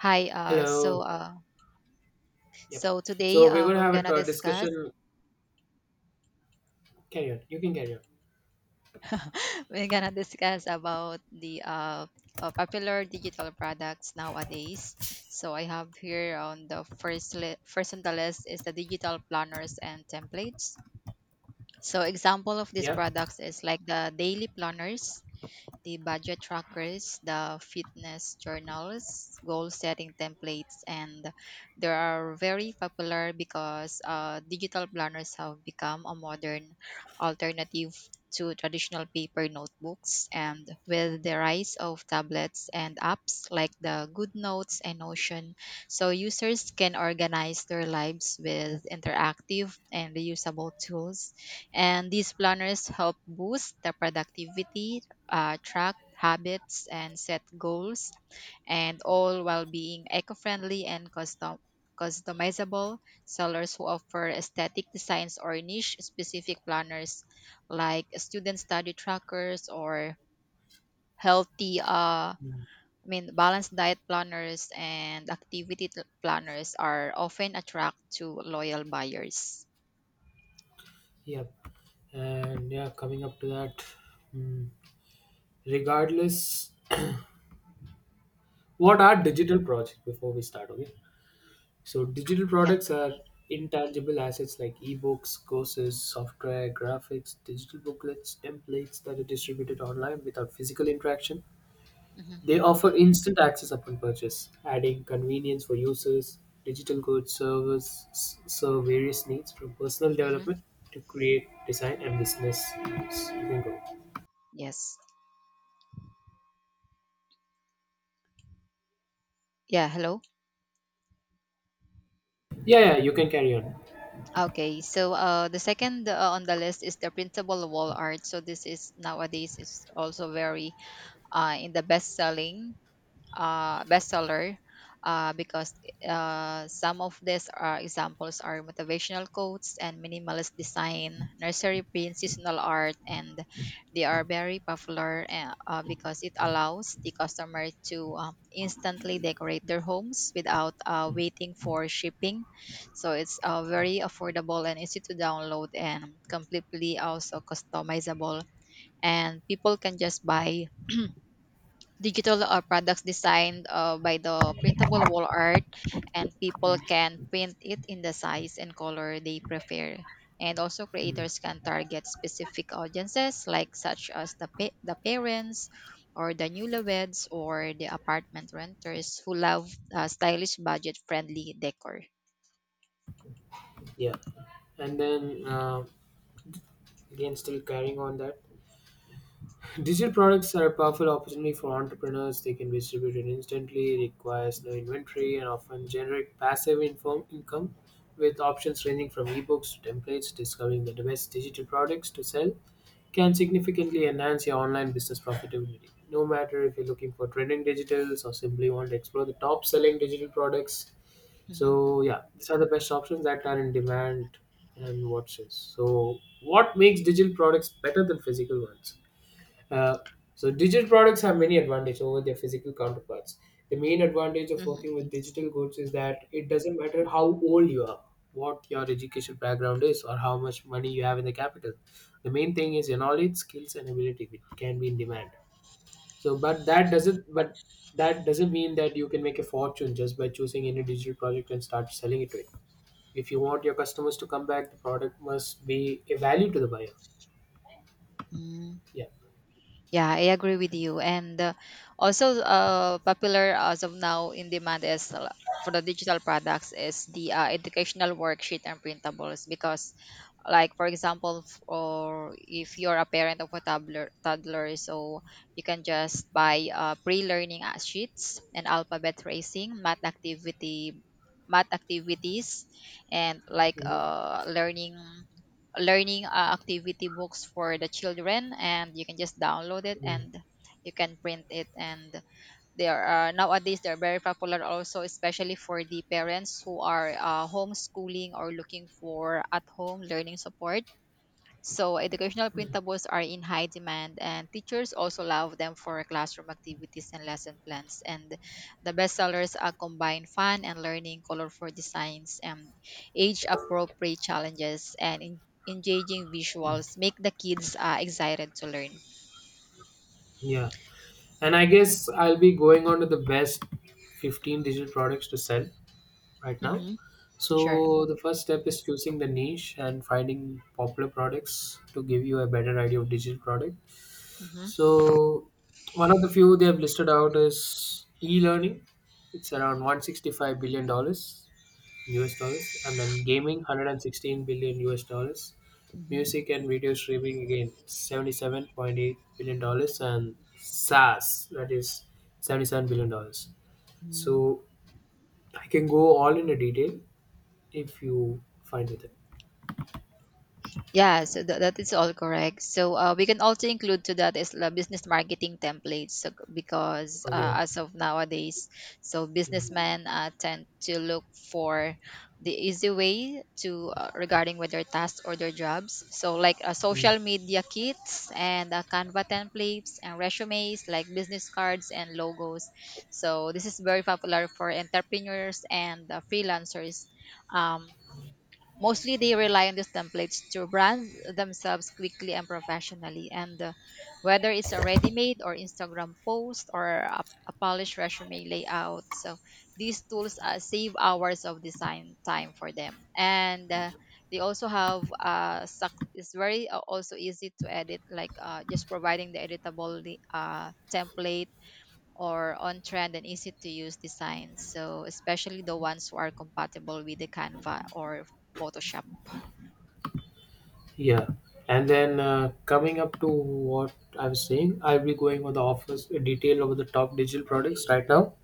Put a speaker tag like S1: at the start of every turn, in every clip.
S1: Hi, uh,
S2: Hello.
S1: so uh,
S2: Yep.
S1: so today
S2: So we're going to
S1: we're
S2: have a
S1: gonna discuss
S2: discussion. Carry on. You can carry on.
S1: we're gonna discuss about the popular digital products nowadays. So I have here on the first on the list is the digital planners and templates. So example of these
S2: Yep.
S1: products is like the daily planners, the budget trackers, the fitness journals, goal setting templates, and they are very popular because digital planners have become a modern alternative to traditional paper notebooks. And with the rise of tablets and apps like the GoodNotes and Notion, so users can organize their lives with interactive and reusable tools. And these planners help boost the productivity, track habits and set goals, and all while being eco friendly and custom. Customizable sellers who offer aesthetic designs or niche specific planners like student study trackers or healthy I
S2: Mm.
S1: mean balanced diet planners and planners are often attract to loyal buyers.
S2: Yep. And yeah, coming up to that, mm, regardless, what are digital projects before we start? Okay. So digital
S1: Yeah.
S2: products are intangible assets like ebooks, courses, software, graphics, digital booklets, templates that are distributed online without physical interaction.
S1: Hmm.
S2: They offer instant access upon purchase, adding convenience for users. Digital goods servers serve various needs from personal
S1: Hmm.
S2: development to create design and business use. You can go.
S1: Yes. Yeah. Hello.
S2: Yeah, yeah, you can carry on.
S1: Okay, so the second on the list is the printable wall art. So this is nowadays is also very in the bestseller because some of these are examples are motivational quotes and minimalist design, nursery print, seasonal art, and they are very popular because it allows the customer to instantly decorate their homes without waiting for shipping. So it's very affordable and easy to download and completely also customizable. And people can just buy digital products designed by the printable wall art, and people can print it in the size and color they prefer, and also
S2: Hmm,
S1: creators can target specific audiences like such as the parents or the newlyweds or the apartment renters who love stylish budget friendly decor.
S2: yeah, and then again, still carrying on that. Digital products are a powerful opportunity for entrepreneurs. They can be distributed instantly, requires no inventory, and often generate passive inform income with options ranging from ebooks to templates. Discovering the best digital products to sell can significantly enhance your online business profitability, no matter if you're looking for trending digitals or simply want to explore the top selling digital products.
S1: Hmm.
S2: So yeah, these are the best options that are in demand and watches. So what makes digital products better than physical ones? Uh, so digital products have many advantages over their physical counterparts. The main advantage of working with digital goods is that it doesn't matter how old you are, what your education background is, or how much money you have in the capital. The main thing is your knowledge, skills, and ability which can be in demand. So, but that doesn't mean that you can make a fortune just by choosing any digital project and start selling it to it. If you want your customers to come back, the product must be a value to the buyer.
S1: Hmm.
S2: Yeah.
S1: Yeah, I agree with you. And also, popular as of now in demand is for the digital products is the educational worksheet and printables because, like for example, or if you're a parent of a toddler, so you can just buy pre-learning sheets and alphabet tracing, math activities, and like
S2: Mhm.
S1: learning activity books for the children, and you can just download it
S2: Mm.
S1: and you can print it, and they are nowadays they're very popular also especially for the parents who are homeschooling or looking for at home learning support. So, educational printables are in high demand, and teachers also love them for classroom activities and lesson plans. And the bestsellers are combine fun and learning, colorful designs, and age appropriate challenges, and engaging visuals make the kids excited to learn.
S2: Yeah. And I guess I'll be going on to the best 15 digital products to sell right now.
S1: Mm-hmm. Sure.
S2: So the first step is choosing the niche and finding popular products to give you a better idea of digital product.
S1: Mm-hmm.
S2: So one of the few they have listed out is e-learning. It's around 165 billion dollars US dollars, and then gaming 116 billion US dollars, music and video streaming again 77.8 billion dollars, and SaaS that is 77 billion dollars.
S1: Mm-hmm.
S2: So I can go all in a detail if you find it.
S1: Yeah, so that is all correct. So we can also include to that is the business marketing templates so, because
S2: Okay.
S1: as of nowadays, so
S2: Mm,
S1: businessmen tend to look for the easy way to regarding with their tasks or their jobs. So like
S2: mm.
S1: social media kits and Canva templates and resumes like business cards and logos. So this is very popular for entrepreneurs and freelancers. Um, Mostly they rely on these templates to brand themselves quickly and professionally. And whether it's a ready made or Instagram post or a polished resume layout. So these tools save hours of design time for them. And they also have suc it's very also easy to edit, like just providing the editable template or on trend and easy to use designs. So especially the ones who are compatible with the Canva or Photoshop.
S2: Yeah. And then coming up to what I was saying, I'll be going over the offers detail over the top digital products right now.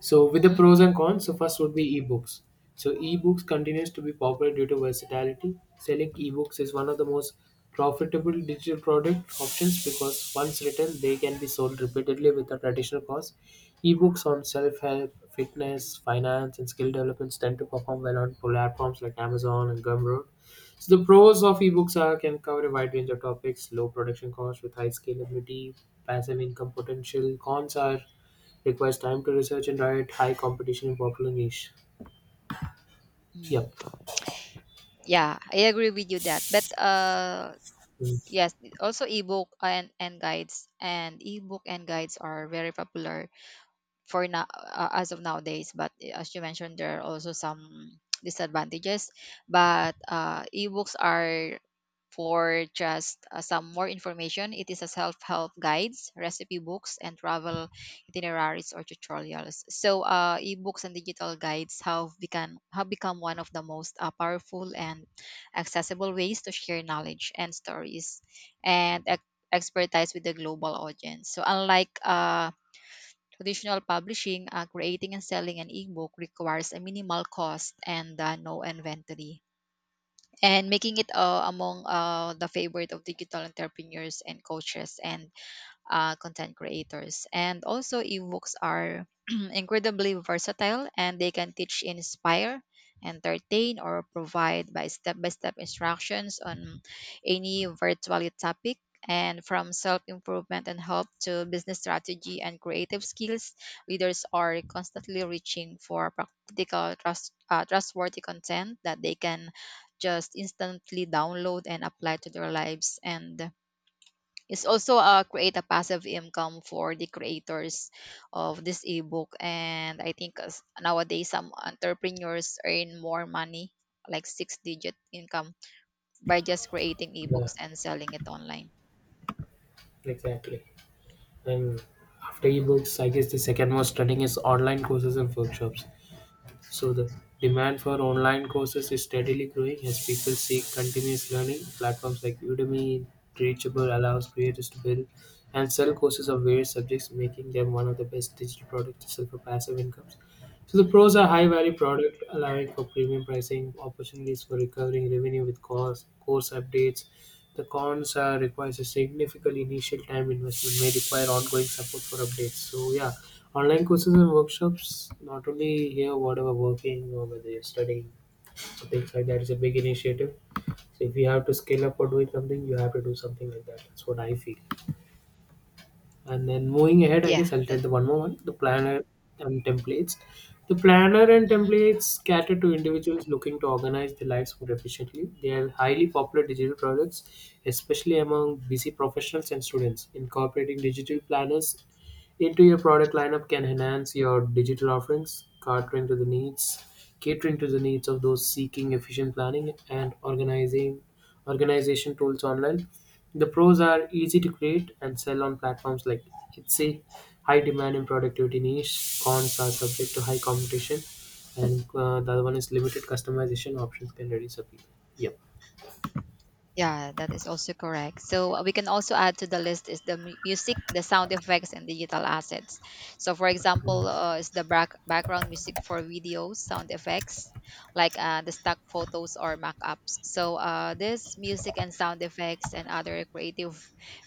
S2: So with the
S1: Mhm.
S2: pros and cons, so first would be ebooks. So ebooks continues to be popular due to versatility. Selling ebooks is one of the most profitable digital product options because once written, they can be sold repeatedly without additional cost. Ebooks on self-help, fitness, finance, and skill developments tend to perform well on platforms like Amazon and Gumroad. So the pros of ebooks are can cover a wide range of topics, low production cost with high scalability, passive income potential. Cons are requires time to research and diet, high competition in popular niche. Yep.
S1: Mm. Yeah, I agree with you that. But
S2: Mm,
S1: yes, also ebook and guides are very popular for now as of nowadays, but as you mentioned there are also some disadvantages, but ebooks are for just some more information, it is a self-help guides, recipe books, and travel itineraries or tutorials. So, ebooks and digital guides have become one of the most powerful and accessible ways to share knowledge and stories and expertise with the global audience. So, unlike traditional publishing, creating and selling an ebook requires a minimal cost and no inventory and making it among the favorite of digital entrepreneurs and coaches and content creators. And also, ebooks are incredibly versatile, and they can teach, inspire, entertain, or provide by step instructions on any virtual topic. And from self improvement and help to business strategy and creative skills, leaders are constantly reaching for practical, trustworthy content that they can just instantly download and apply to their lives. And it's also create a passive income for the creators of this ebook, and I think nowadays some entrepreneurs earn more money like six digit income by just creating
S2: yeah,
S1: ebooks and selling it online.
S2: exactly. And after ebooks, I guess the second most trending is online courses and workshops. So the demand for online courses is steadily growing as people seek continuous learning. Platforms like Udemy, Teachable allows creators to build and sell courses of various subjects, making them one of the best digital products to sell for passive incomes. So the
S1: Hmm.
S2: pros are high value product allowing for premium pricing, opportunities for recovering revenue with course updates. The cons requires a significant initial time investment, may require ongoing support for updates. So yeah, online courses and workshops, not only here, whatever working or whether you're studying, so things like that is a big initiative. So if you have to scale up or doing something, you have to do something like that. That's what I feel. And then moving ahead, I
S1: yeah
S2: guess I'll tell
S1: that
S2: the one more one, the planner and templates. The planner and
S1: Mhm.
S2: templates cater to individuals looking to organize their lives more efficiently. They are highly popular digital products, especially among busy professionals and students. Incorporating digital planners into your product lineup can enhance your digital offerings, catering to the needs of those seeking efficient planning and organizing organization tools online. The pros are easy to create and sell on platforms like Etsy, high demand in productivity niche. Cons are subject to high competition, and the other one is limited customization options can reduce appeal. Yep.
S1: Yeah, that is also correct. So we can also add to the list is the music, the sound effects, and digital assets. So for example,
S2: Mm.
S1: is the background music for videos, sound effects like the stock photos or mock-ups. So this music and sound effects and other creative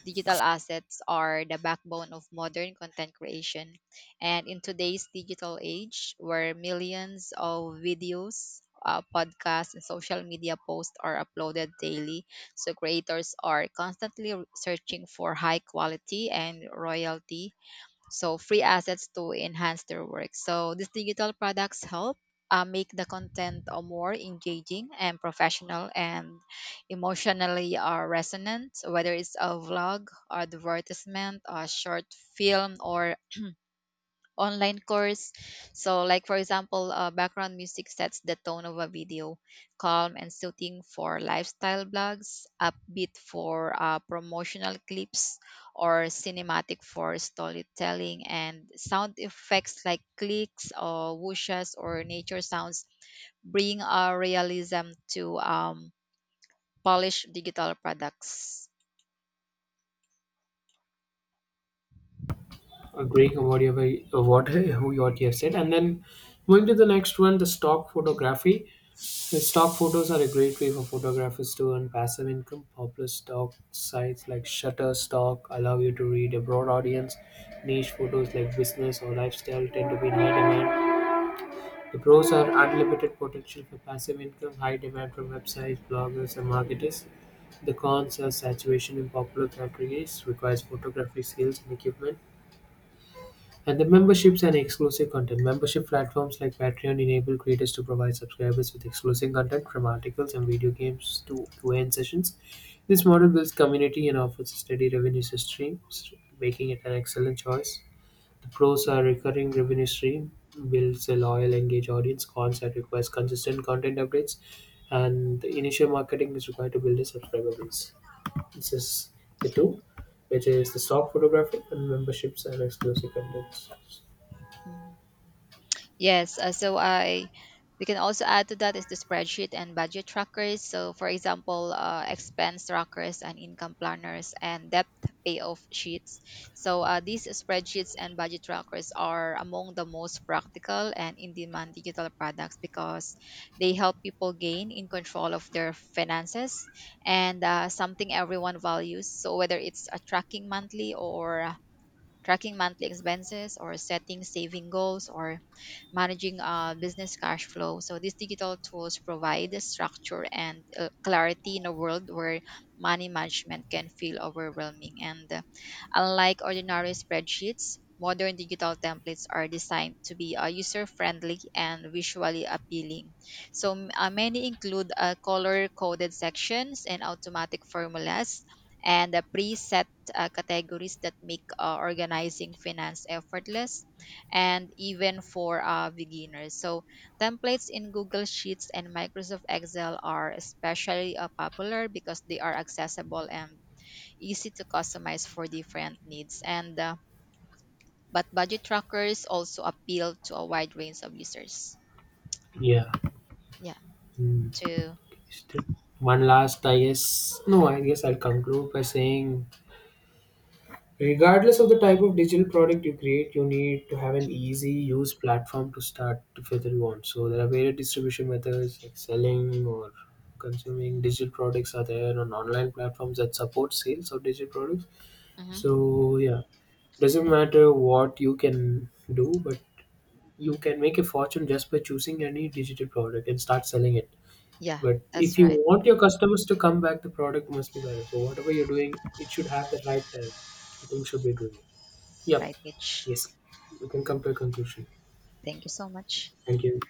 S1: digital assets are the backbone of modern content creation. And in today's digital age, where millions of videos, podcasts, and social media posts are uploaded daily, so creators are constantly searching for high quality and royalty, so free assets to enhance their work. So these digital products help make the content more engaging and professional and emotionally resonant. So whether it's a vlog, advertisement, a short film, or online course. So, like for example, background music sets the tone of a video, calm and soothing for lifestyle blogs, upbeat for promotional clips, or cinematic for storytelling, and sound effects like clicks or whooshes or nature sounds bring a realism to polished digital products.
S2: Agreeing on whatever what you what who you what you have said. And then going to the next one, the stock photography. The stock photos are a great way for photographers to earn passive income. Popular stock sites like Shutterstock allow you to read a broad audience. Niche photos like business or lifestyle tend to be in high demand. The pros are unlimited potential for passive income, high demand from websites, bloggers, and marketers. The cons are saturation in popular categories, requires photography skills and equipment, and the memberships and exclusive content. Membership platforms like Patreon enable creators to provide subscribers with exclusive content from articles and video games to QA sessions. This model builds community and offers a steady revenue stream, making it an excellent choice. The pros are recurring revenue stream, builds a loyal, engaged audience. Cons that requires consistent content updates, and the initial marketing is required to build a subscriber base. This is the two, which is the stock photography and memberships and exclusive contents.
S1: Yes, so I we can also add to that is the spreadsheet and budget trackers. So for example, expense trackers and income planners and debt payoff sheets. So these spreadsheets and budget trackers are among the most practical and in-demand digital products because they help people gain in control of their finances and something everyone values. So whether it's tracking monthly expenses or setting saving goals or managing business cash flow. So these digital tools provide the structure and clarity in a world where money management can feel overwhelming. And unlike ordinary spreadsheets, modern digital templates are designed to be user friendly and visually appealing. So many include color coded sections and automatic formulas and a preset categories that make organizing finance effortless and even for beginners. So, templates in Google Sheets and Microsoft Excel are especially popular because they are accessible and easy to customize for different needs. And but budget trackers also appeal to a wide range of users.
S2: Yeah.
S1: Yeah,
S2: Mm,
S1: to
S2: still- one last, I guess. No, I guess I'll conclude by saying regardless of the type of digital product you create, you need to have an easy use platform to start to further you want. So there are various distribution methods like selling or consuming digital products are there on online platforms that support sales of digital products.
S1: Hmm.
S2: So yeah, doesn't matter what you can do, but you can make a fortune just by choosing any digital product and start selling it.
S1: Yeah,
S2: But
S1: that's
S2: if you
S1: right.
S2: want your customers to come back, the product must be better. So whatever you're doing, it should have the right time. I think should be doing. Yep.
S1: Right, Mitch.
S2: Yes. We can come to a conclusion.
S1: Thank you so much.
S2: Thank you.